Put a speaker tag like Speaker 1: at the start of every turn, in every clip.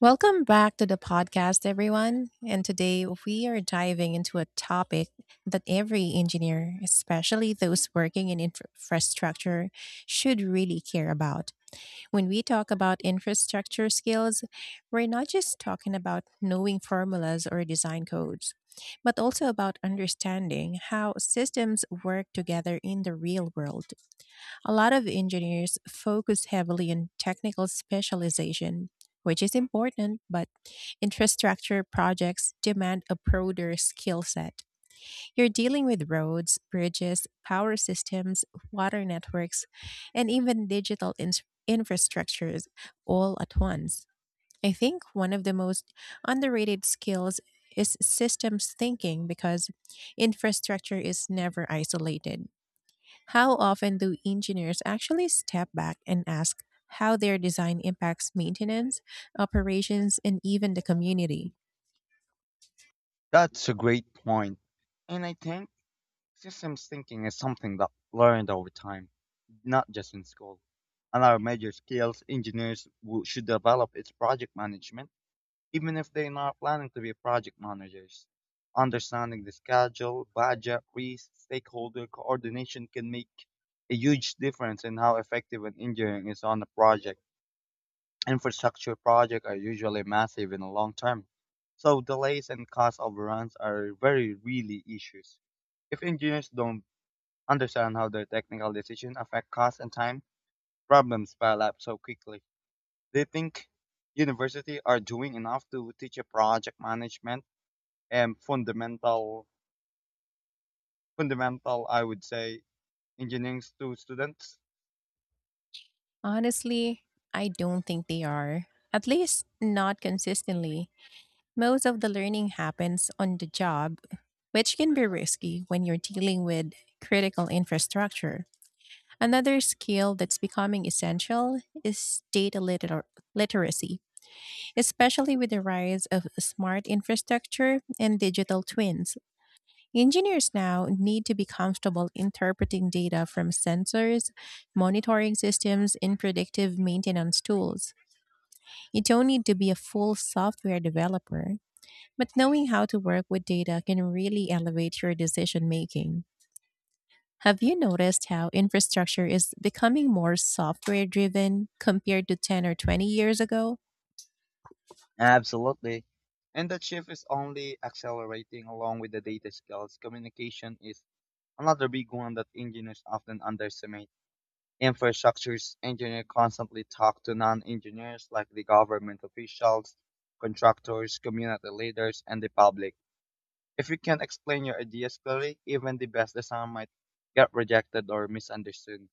Speaker 1: Welcome back to the podcast, everyone. And today we are diving into a topic that every engineer, especially those working in infrastructure, should really care about. When we talk about infrastructure skills, we're not just talking about knowing formulas or design codes, but also about understanding how systems work together in the real world. A lot of engineers focus heavily on technical specialization, which is important, but infrastructure projects demand a broader skill set. You're dealing with roads, bridges, power systems, water networks, and even infrastructures all at once. I think one of the most underrated skills is systems thinking because infrastructure is never isolated. How often do engineers actually step back and ask how their design impacts maintenance, operations, and even the community?
Speaker 2: That's a great point. And I think systems thinking is something that learned over time, not just in school. Another major skills should develop is project management, even if they're not planning to be project managers. Understanding the schedule, budget, risk, stakeholder coordination can make a huge difference in how effective an engineering is on a project. Infrastructure projects are usually massive in and long term, so delays and cost overruns are very really issues. If engineers don't understand how their technical decisions affect cost and time, problems pile up so quickly. They think university are doing enough to teach a project management and fundamental I would say engineering to students.
Speaker 1: Honestly, I don't think they are. At least not consistently. Most of the learning happens on the job, which can be risky when you're dealing with critical infrastructure. Another skill that's becoming essential is literacy, especially with the rise of smart infrastructure and digital twins. Engineers now need to be comfortable interpreting data from sensors, monitoring systems, and predictive maintenance tools. You don't need to be a full software developer, but knowing how to work with data can really elevate your decision making. Have you noticed how infrastructure is becoming more software driven compared to 10 or 20 years ago?
Speaker 2: Absolutely. And that shift is only accelerating along with the data skills. Communication is another big one that engineers often underestimate. Infrastructures engineers constantly talk to non-engineers like the government officials, contractors, community leaders, and the public. If you can't explain your ideas clearly, even the best design might get rejected or misunderstood.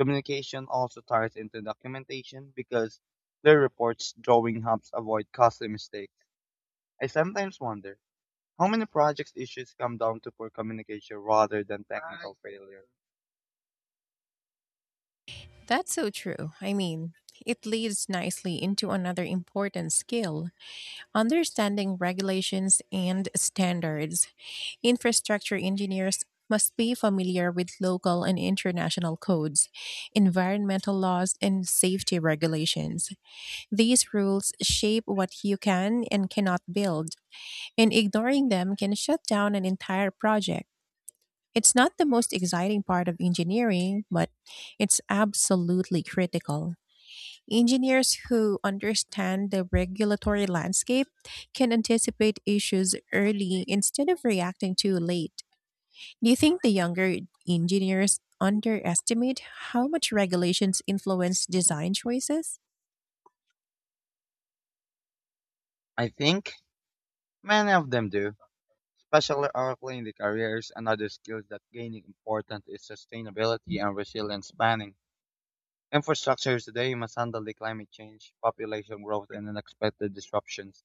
Speaker 2: Communication also ties into documentation because their reports drawing helps avoid costly mistakes. I sometimes wonder how many projects issues come down to poor communication rather than technical failure.
Speaker 1: That's so true. It leads nicely into another important skill understanding regulations and standards. Infrastructure engineers must be familiar with local and international codes, environmental laws, and safety regulations. These rules shape what you can and cannot build and ignoring them can shut down an entire project. It's not the most exciting part of engineering, but it's absolutely critical. Engineers who understand the regulatory landscape can anticipate issues early instead of reacting too late. Do you think the younger engineers underestimate how much regulations influence design choices?
Speaker 2: I think many of them do, especially early in the careers. And other skills that gaining importance is sustainability and resilience planning. Infrastructure today must handle the climate change, population growth, and unexpected disruptions.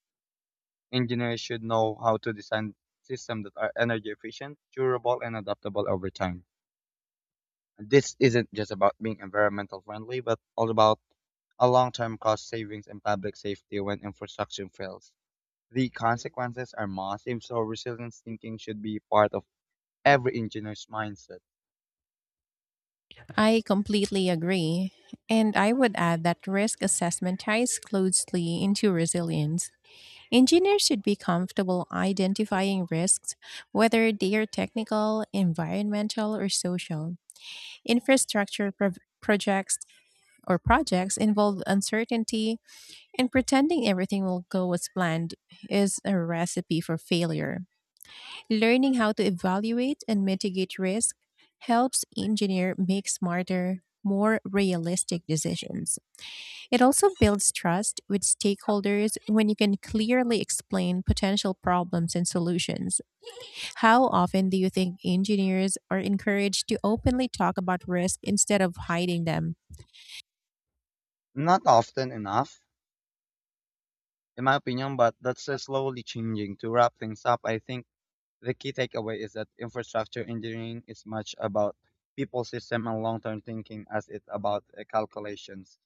Speaker 2: Engineers should know how to design systems that are energy efficient, durable, and adaptable over time. This isn't just about being environmental friendly, but all about a long-term cost savings and public safety when infrastructure fails. The consequences are massive, so resilience thinking should be part of every engineer's mindset.
Speaker 1: I completely agree. And I would add that risk assessment ties closely into resilience. Engineers should be comfortable identifying risks, whether they are technical, environmental, or social. Infrastructure projects involve uncertainty, and pretending everything will go as planned is a recipe for failure. Learning how to evaluate and mitigate risk helps engineer make smarter, more realistic decisions. It also builds trust with stakeholders when you can clearly explain potential problems and solutions. How often do you think engineers are encouraged to openly talk about risk instead of hiding them?
Speaker 2: Not often enough, in my opinion, but that's slowly changing. To wrap things up, I think the key takeaway is that infrastructure engineering is much about people system and long-term thinking as it's about calculations.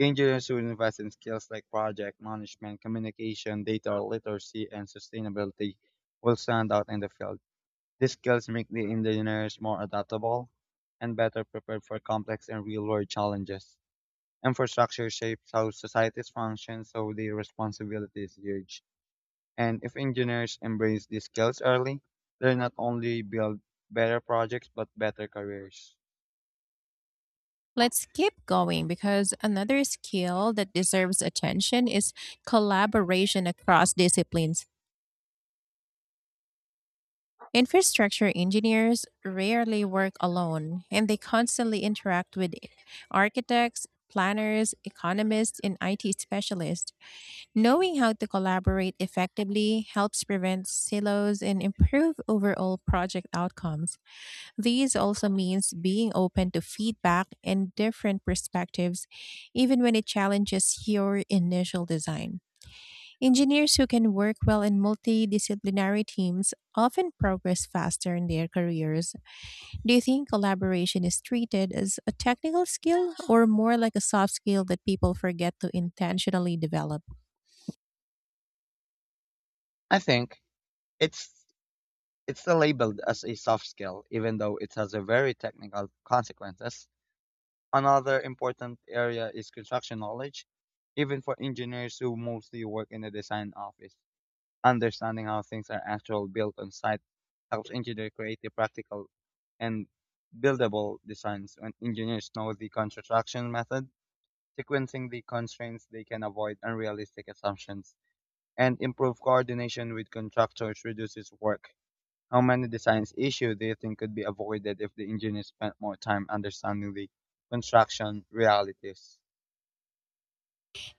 Speaker 2: Engineers who invest in skills like project management, communication, data literacy, and sustainability will stand out in the field. These skills make the engineers more adaptable and better prepared for complex and real-world challenges. Infrastructure shapes how societies function, so the responsibility is huge. And if engineers embrace these skills early, they'll not only build better projects but better careers.
Speaker 1: Let's keep going because another skill that deserves attention is collaboration across disciplines. Infrastructure engineers rarely work alone and they constantly interact with architects, planners, economists, and IT specialists. Knowing how to collaborate effectively helps prevent silos and improve overall project outcomes. These also means being open to feedback and different perspectives, even when it challenges your initial design. Engineers who can work well in multidisciplinary teams often progress faster in their careers. Do you think collaboration is treated as a technical skill or more like a soft skill that people forget to intentionally develop?
Speaker 2: I think it's it's still labeled as a soft skill, even though it has a very technical consequences. Another important area is construction knowledge, even for engineers who mostly work in the design office. Understanding how things are actually built on site helps engineers create the practical and buildable designs. When engineers know the construction method, sequencing the constraints, they can avoid unrealistic assumptions and improve coordination with contractors reduces work. How many designs issue do you think could be avoided if the engineers spent more time understanding the construction realities?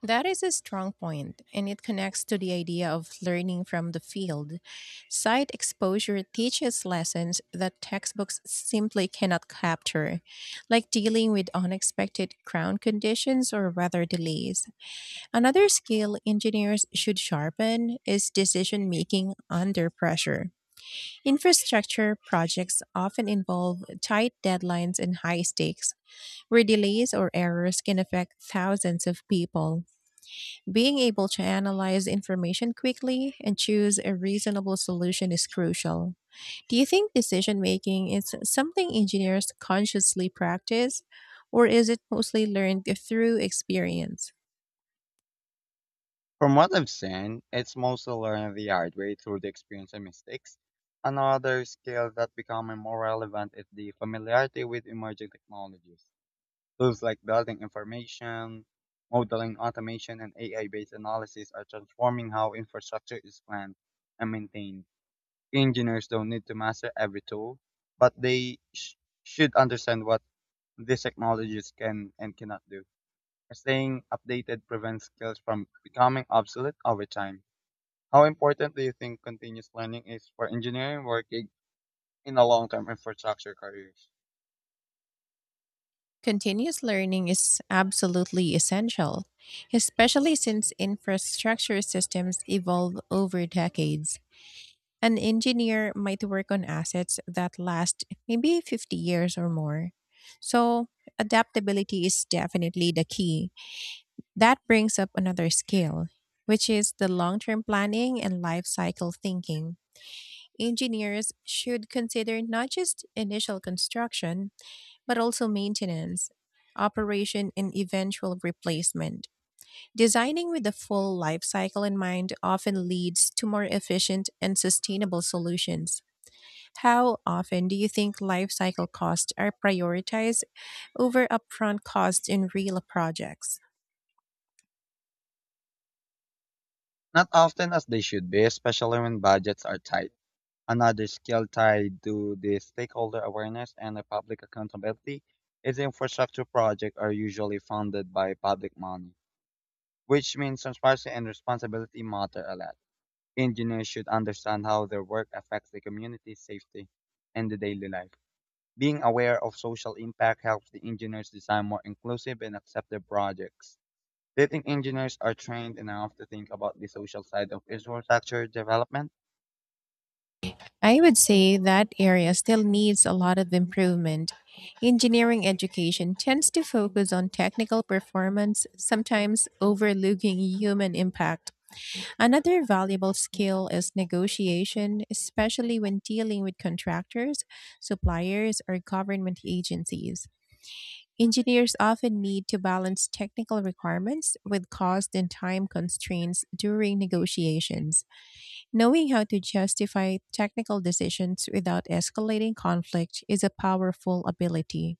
Speaker 1: That is a strong point, and it connects to the idea of learning from the field. Site exposure teaches lessons that textbooks simply cannot capture, like dealing with unexpected ground conditions or weather delays. Another skill engineers should sharpen is decision making under pressure. Infrastructure projects often involve tight deadlines and high stakes, where delays or errors can affect thousands of people. Being able to analyze information quickly and choose a reasonable solution is crucial. Do you think decision making is something engineers consciously practice, or is it mostly learned through experience?
Speaker 2: From what I've seen, it's mostly learning the hard way through the experience and mistakes. Another skill that's becoming more relevant is the familiarity with emerging technologies. Tools like building information, modeling automation, and AI-based analysis are transforming how infrastructure is planned and maintained. Engineers don't need to master every tool, but should understand what these technologies can and cannot do. Staying updated prevents skills from becoming obsolete over time. How important do you think continuous learning is for engineering working in a long-term infrastructure careers?
Speaker 1: Continuous learning is absolutely essential, especially since infrastructure systems evolve over decades. An engineer might work on assets that last maybe 50 years or more. So, adaptability is definitely the key. That brings up another skill, which is the long term planning and life cycle thinking. Engineers should consider not just initial construction, but also maintenance, operation, and eventual replacement. Designing with the full life cycle in mind often leads to more efficient and sustainable solutions. How often do you think life cycle costs are prioritized over upfront costs in real projects?
Speaker 2: Not often as they should be, especially when budgets are tight. Another skill tied to the stakeholder awareness and the public accountability is infrastructure projects are usually funded by public money, which means transparency and responsibility matter a lot. Engineers should understand how their work affects the community's safety and the daily life. Being aware of social impact helps the engineers design more inclusive and accepted projects. Do you think engineers are trained enough to think about the social side of infrastructure development?
Speaker 1: I would say that area still needs a lot of improvement. Engineering education tends to focus on technical performance, sometimes overlooking human impact. Another valuable skill is negotiation, especially when dealing with contractors, suppliers, or government agencies. Engineers often need to balance technical requirements with cost and time constraints during negotiations. Knowing how to justify technical decisions without escalating conflict is a powerful ability.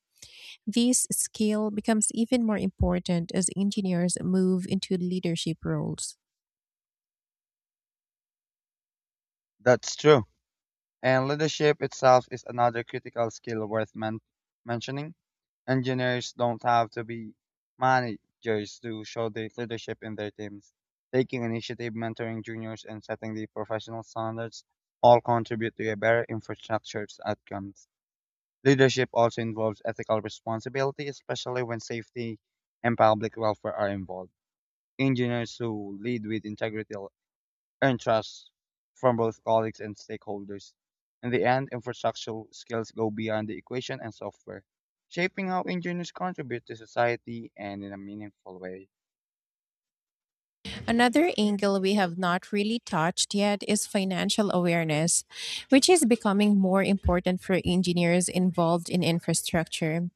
Speaker 1: This skill becomes even more important as engineers move into leadership roles.
Speaker 2: That's true. And leadership itself is another critical skill worth mentioning. Engineers don't have to be managers to show the leadership in their teams. Taking initiative, mentoring juniors, and setting the professional standards all contribute to a better infrastructure's outcomes. Leadership also involves ethical responsibility, especially when safety and public welfare are involved. Engineers who lead with integrity will earn trust from both colleagues and stakeholders. In the end, infrastructural skills go beyond the equation and software, shaping how engineers contribute to society and in a meaningful way.
Speaker 1: Another angle we have not really touched yet is financial awareness, which is becoming more important for engineers involved in infrastructure.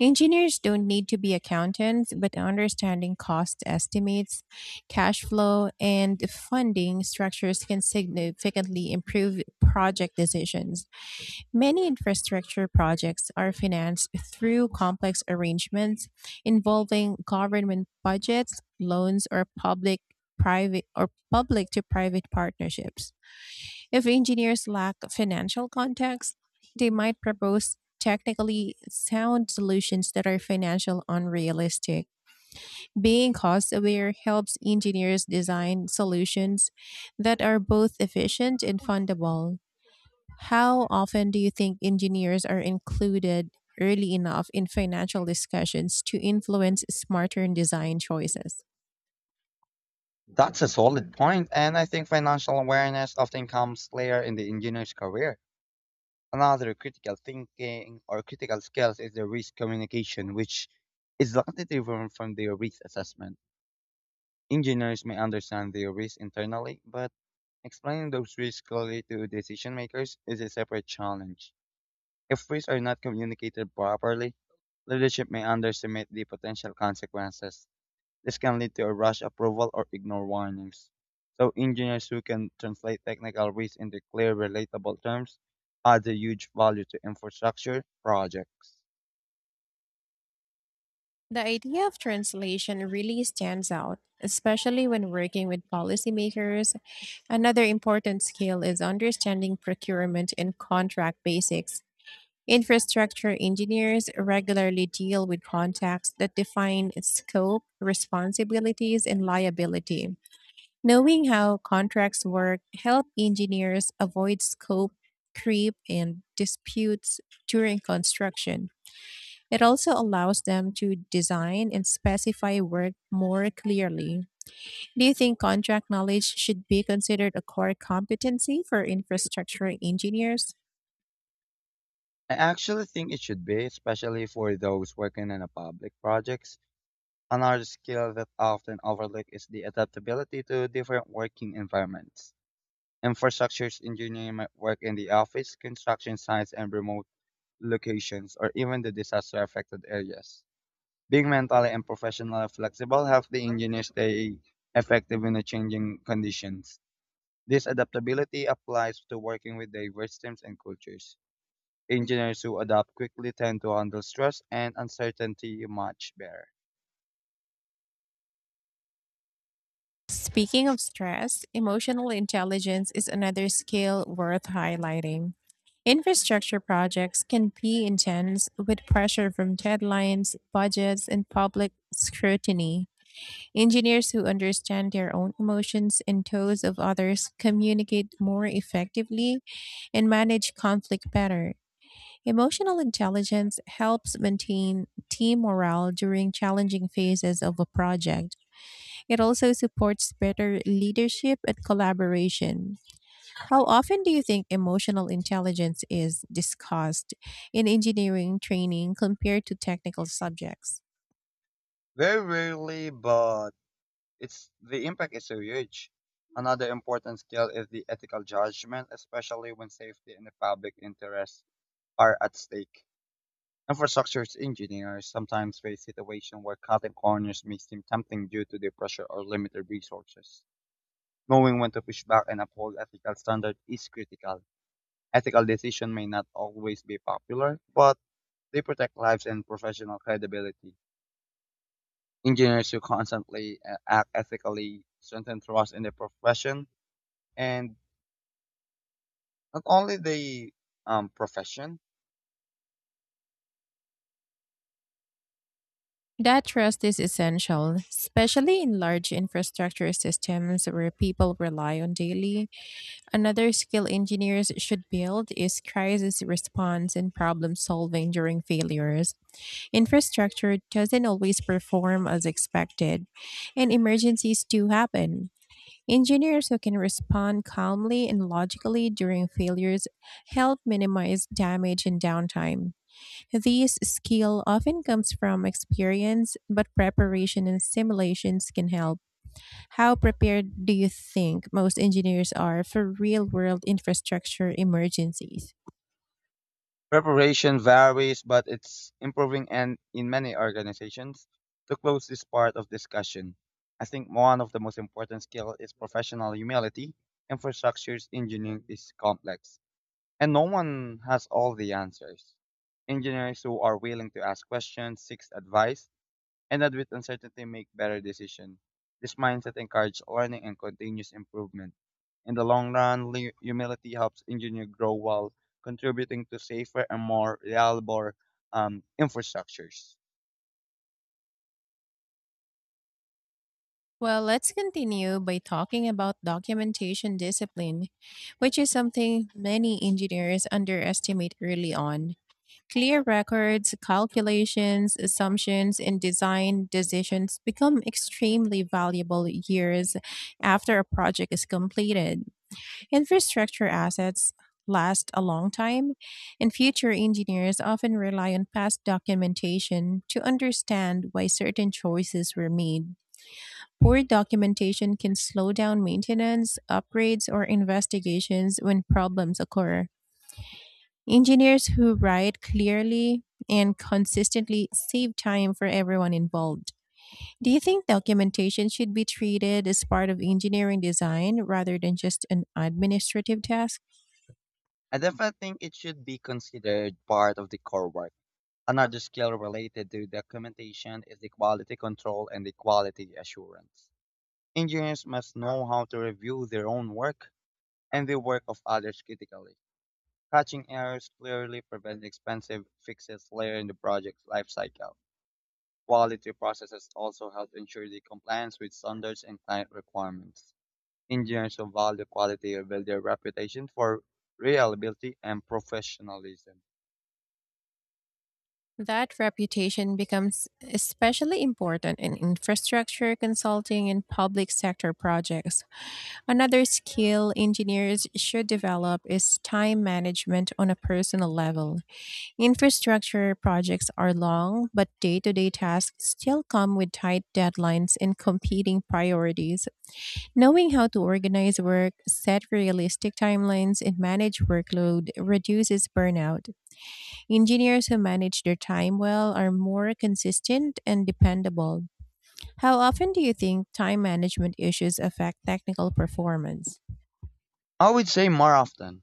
Speaker 1: Engineers don't need to be accountants, but understanding cost estimates, cash flow, and funding structures can significantly improve project decisions. Many infrastructure projects are financed through complex arrangements involving government budgets, loans, or public to private partnerships. If engineers lack financial context, they might propose technically sound solutions that are financial unrealistic. Being cost aware helps engineers design solutions that are both efficient and fundable. How often do you think engineers are included early enough in financial discussions to influence smarter design choices?
Speaker 2: That's a solid point, and I think financial awareness often comes later in the engineer's career. Another critical thinking or critical skills is the risk communication, which is slightly different from the risk assessment. Engineers may understand their risks internally, but explaining those risks clearly to decision makers is a separate challenge. If risks are not communicated properly, leadership may underestimate the potential consequences. This can lead to a rush approval or ignore warnings. So engineers who can translate technical risks into clear, relatable terms adds a huge value to infrastructure projects.
Speaker 1: The idea of translation really stands out, especially when working with policymakers. Another important skill is understanding procurement and contract basics. Infrastructure engineers regularly deal with contracts that define its scope, responsibilities, and liability. Knowing how contracts work help engineers avoid scope creep and disputes during construction. It also allows them to design and specify work more clearly. Do you think contract knowledge should be considered a core competency for infrastructure engineers?
Speaker 2: I actually think it should be, especially for those working in a public projects. Another skill that often overlooked is the adaptability to different working environments. Infrastructure engineering might work in the office, construction sites, and remote locations, or even the disaster affected areas. Being mentally and professionally flexible helps the engineer stay effective in the changing conditions. This adaptability applies to working with diverse teams and cultures. Engineers who adapt quickly tend to handle stress and uncertainty much better.
Speaker 1: Speaking of stress, emotional intelligence is another skill worth highlighting. Infrastructure projects can be intense with pressure from deadlines, budgets, and public scrutiny. Engineers who understand their own emotions and those of others communicate more effectively and manage conflict better. Emotional intelligence helps maintain team morale during challenging phases of a project. It also supports better leadership and collaboration. How often do you think emotional intelligence is discussed in engineering training compared to technical subjects?
Speaker 2: Very rarely, but it's the impact is so huge. Another important skill is the ethical judgment, especially when safety and the public interest are at stake. Infrastructure engineers sometimes face situations where cutting corners may seem tempting due to their pressure or limited resources. Knowing when to push back and uphold ethical standards is critical. Ethical decisions may not always be popular, but they protect lives and professional credibility. Engineers who constantly act ethically strengthen trust in their profession and not only the profession.
Speaker 1: That trust is essential, especially in large infrastructure systems where people rely on daily. Another skill engineers should build is crisis response and problem solving during failures. Infrastructure doesn't always perform as expected, and emergencies do happen. Engineers who can respond calmly and logically during failures help minimize damage and downtime. This skill often comes from experience, but preparation and simulations can help. How prepared do you think most engineers are for real world infrastructure emergencies?
Speaker 2: Preparation varies, but it's improving and in many organizations. To close this part of discussion, I think one of the most important skills is professional humility. Infrastructures engineering is complex, and no one has all the answers. Engineers who are willing to ask questions, seek advice, and that with uncertainty make better decisions. This mindset encourages learning and continuous improvement. In the long run, humility helps engineers grow while contributing to safer and more reliable infrastructures.
Speaker 1: Well, let's continue by talking about documentation discipline, which is something many engineers underestimate early on. Clear records, calculations, assumptions, and design decisions become extremely valuable years after a project is completed. Infrastructure assets last a long time, and future engineers often rely on past documentation to understand why certain choices were made. Poor documentation can slow down maintenance, upgrades, or investigations when problems occur. Engineers who write clearly and consistently save time for everyone involved. Do you think documentation should be treated as part of engineering design rather than just an administrative task?
Speaker 2: I definitely think it should be considered part of the core work. Another skill related to documentation is the quality control and the quality assurance. Engineers must know how to review their own work and the work of others critically. Catching errors clearly prevents expensive fixes later in the project's lifecycle. Quality processes also help ensure the compliance with standards and client requirements. Engineers who value quality build their reputation for reliability and professionalism.
Speaker 1: That reputation becomes especially important in infrastructure consulting and public sector projects. Another skill engineers should develop is time management on a personal level. Infrastructure projects are long, but day to day tasks still come with tight deadlines and competing priorities. Knowing how to organize work, set realistic timelines, and manage workload reduces burnout. Engineers who manage their time well are more consistent and dependable. How often do you think time management issues affect technical performance?
Speaker 2: I would say more often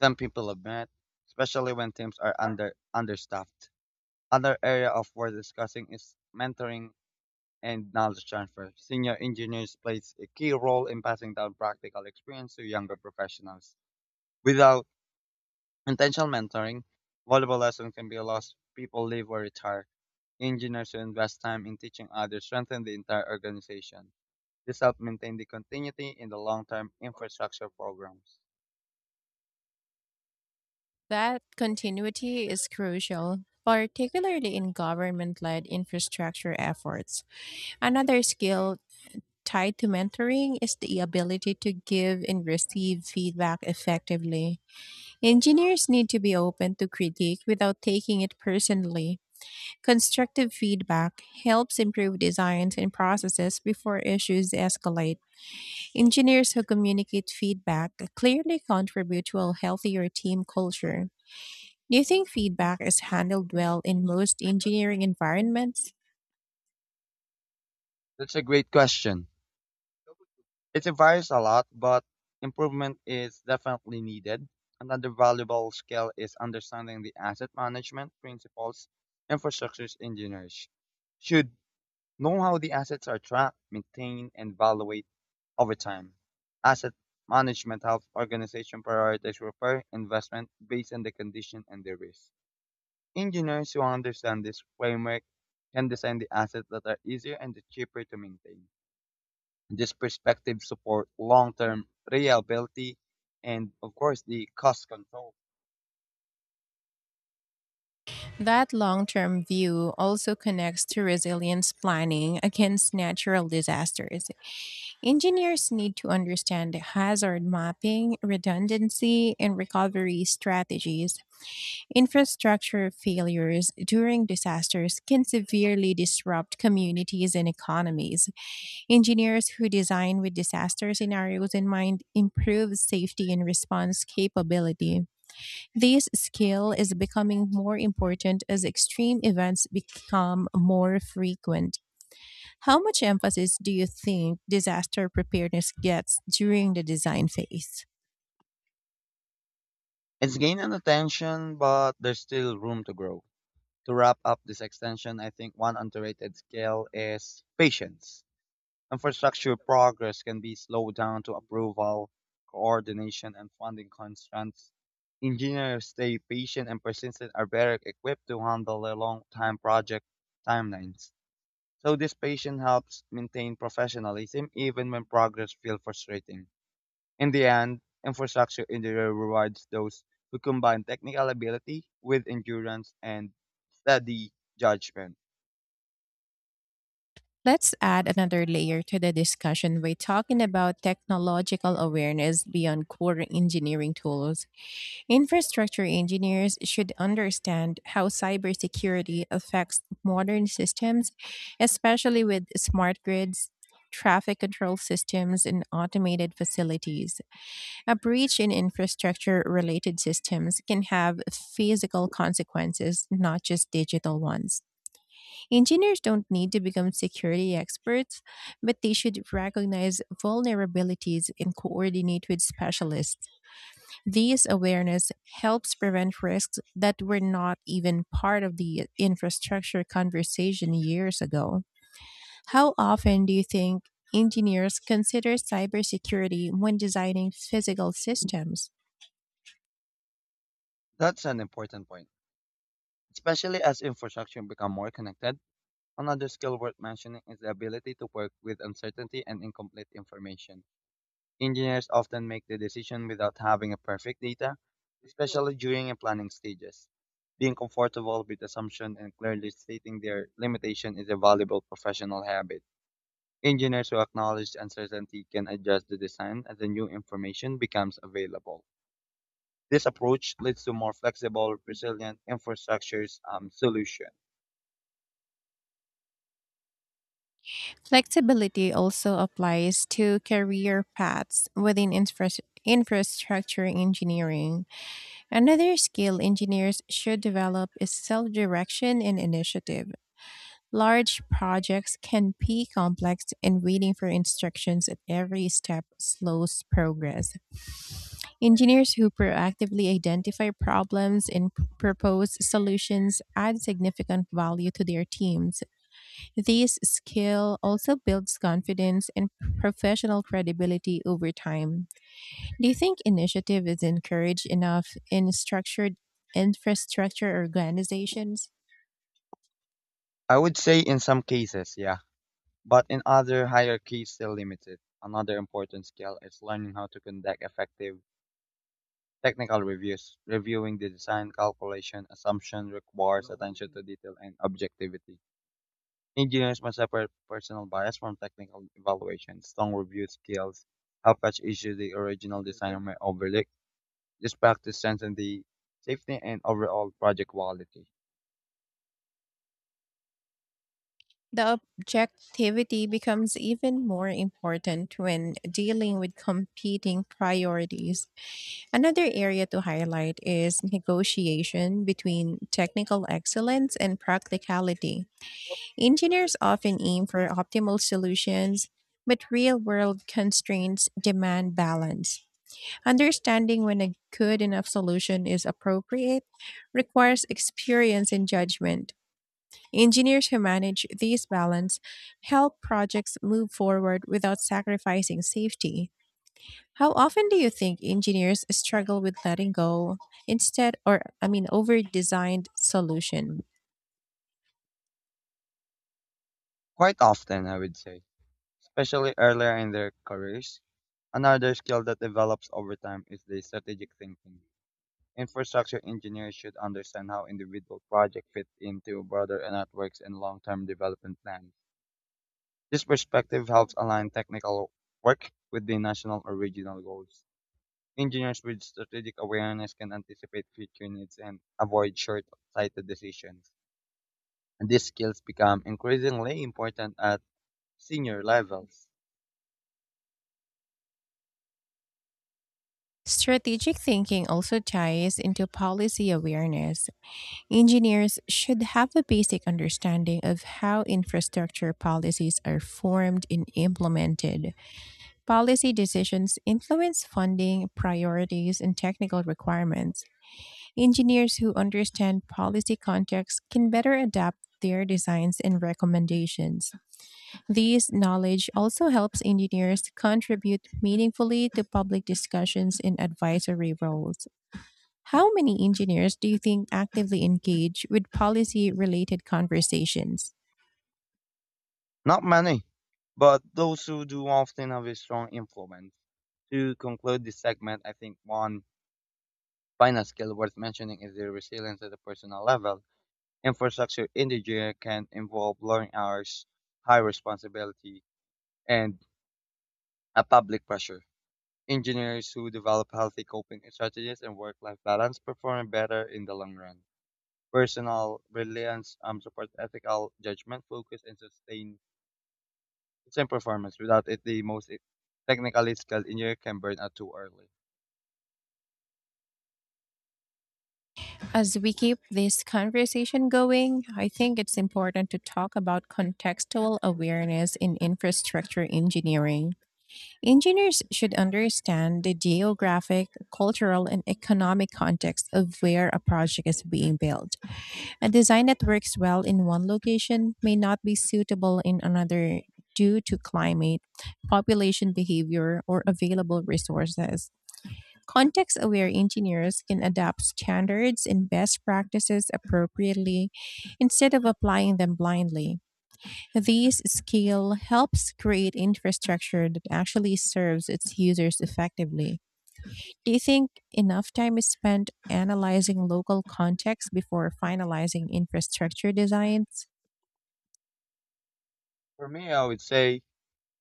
Speaker 2: than people admit, especially when teams are under understaffed. Another area of worth discussing is mentoring and knowledge transfer. Senior engineers plays a key role in passing down practical experience to younger professionals. Without intentional mentoring, valuable lessons can be lost. People leave or retire. Engineers who invest time in teaching others strengthen the entire organization. This helps maintain the continuity in the long-term infrastructure programs.
Speaker 1: That continuity is crucial, particularly in government led infrastructure efforts. Another skill tied to mentoring is the ability to give and receive feedback effectively. Engineers need to be open to critique without taking it personally. Constructive feedback helps improve designs and processes before issues escalate. Engineers who communicate feedback clearly contribute to a healthier team culture. Do you think feedback is handled well in most engineering environments?
Speaker 2: That's a great question. It varies a lot, but improvement is definitely needed. Another valuable skill is understanding the asset management principles infrastructure engineers should know how the assets are tracked, maintained, and valued over time. Asset management helps organization prioritize repair investment based on the condition and the risk. Engineers who understand this framework can design the assets that are easier and cheaper to maintain. This perspective support long-term reliability and, of course, the cost control.
Speaker 1: That long term view also connects to resilience planning against natural disasters. Engineers need to understand hazard mapping, redundancy, and recovery strategies. Infrastructure failures during disasters can severely disrupt communities and economies. Engineers who design with disaster scenarios in mind improve safety and response capability. This skill is becoming more important as extreme events become more frequent. How much emphasis do you think disaster preparedness gets during the design phase?
Speaker 2: It's gaining attention, but there's still room to grow. To wrap up this extension, I think one underrated skill is patience. Infrastructure progress can be slowed down to approval, coordination, and funding constraints. Engineers stay patient and persistent are better equipped to handle the long-time project timelines. So this patience helps maintain professionalism even when progress feels frustrating. In the end, infrastructure engineering rewards those who combine technical ability with endurance and steady judgment.
Speaker 1: Let's add another layer to the discussion by talking about technological awareness beyond core engineering tools. Infrastructure engineers should understand how cybersecurity affects modern systems, especially with smart grids, traffic control systems, and automated facilities. A breach in infrastructure related systems can have physical consequences, not just digital ones. Engineers don't need to become security experts, but they should recognize vulnerabilities and coordinate with specialists. This awareness helps prevent risks that were not even part of the infrastructure conversation years ago. How often do you think engineers consider cybersecurity when designing physical systems?
Speaker 2: That's an important point. Especially as infrastructure become more connected, another skill worth mentioning is the ability to work with uncertainty and incomplete information. Engineers often make the decision without having a perfect data, especially during a planning stages. Being comfortable with assumption and clearly stating their limitation is a valuable professional habit. Engineers who acknowledge uncertainty can adjust the design as the new information becomes available. This approach leads to more flexible, resilient infrastructures solution.
Speaker 1: Flexibility also applies to career paths within infrastructure engineering. Another skill engineers should develop is self direction and initiative. Large projects can be complex, and waiting for instructions at every step slows progress. Engineers who proactively identify problems and propose solutions add significant value to their teams. This skill also builds confidence and professional credibility over time. Do you think initiative is encouraged enough in structured infrastructure organizations?
Speaker 2: I would say in some cases, yeah, but in other hierarchies still limited. Another important skill is learning how to conduct effective technical reviews. Reviewing the design, calculation, assumption requires attention to detail and objectivity. Engineers must separate personal bias from technical evaluation. Strong review skills help catch issues the original designer may overlook. This practice strengthens the safety and overall project quality.
Speaker 1: The objectivity becomes even more important when dealing with competing priorities. Another area to highlight is negotiation between technical excellence and practicality. Engineers often aim for optimal solutions, but real world constraints demand balance. Understanding when a good enough solution is appropriate requires experience and judgment. Engineers who manage these balance help projects move forward without sacrificing safety. How often do you think engineers struggle with letting go instead or I mean over designed solution?
Speaker 2: Quite often, I would say, especially earlier in their careers, another skill that develops over time is the strategic thinking. Infrastructure engineers should understand how individual projects fit into broader networks and long-term development plans. This perspective helps align technical work with the national or regional goals. Engineers with strategic awareness can anticipate future needs and avoid short-sighted decisions. And these skills become increasingly important at senior levels.
Speaker 1: Strategic thinking also ties into policy awareness. Engineers should have a basic understanding of how infrastructure policies are formed and implemented. Policy decisions influence funding, priorities, and technical requirements. Engineers who understand policy context can better adapt their designs and recommendations. This knowledge also helps engineers contribute meaningfully to public discussions and advisory roles. How many engineers do you think actively engage with policy related conversations?
Speaker 2: Not many, but those who do often have a strong influence. To conclude this segment, I think one final skill worth mentioning is the resilience at the personal level. Infrastructure engineer can involve long hours, high responsibility, and a public pressure. Engineers who develop healthy coping strategies and work-life balance perform better in the long run. Personal reliance supports ethical judgment, focus, and sustain sustained performance. Without it, the most technically skilled engineer can burn out too early.
Speaker 1: As we keep this conversation going, I think it's important to talk about contextual awareness in infrastructure engineering. Engineers should understand the geographic, cultural, and economic context of where a project is being built. A design that works well in one location may not be suitable in another due to climate, population behavior, or available resources. Context aware engineers can adapt standards and best practices appropriately instead of applying them blindly. This skill helps create infrastructure that actually serves its users effectively. Do you think enough time is spent analyzing local context before finalizing infrastructure designs?
Speaker 2: For me, I would say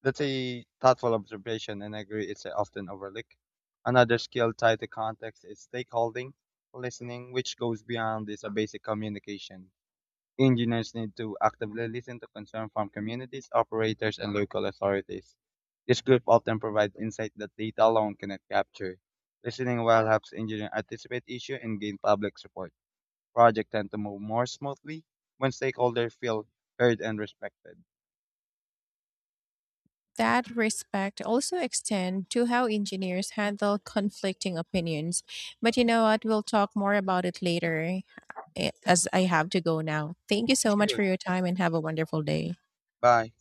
Speaker 2: that's a thoughtful observation, and I agree it's often overlooked. Another skill tied to context is stakeholding, listening, which goes beyond this basic communication. Engineers need to actively listen to concerns from communities, operators, and local authorities. This group often provides insight that data alone cannot capture. Listening well helps engineers anticipate issues and gain public support. Projects tend to move more smoothly when stakeholders feel heard and respected.
Speaker 1: That respect also extend to how engineers handle conflicting opinions. But you know what? We'll talk more about it later as I have to go now. Thank you so much
Speaker 2: Sure.
Speaker 1: for your time and have a wonderful day.
Speaker 2: Bye.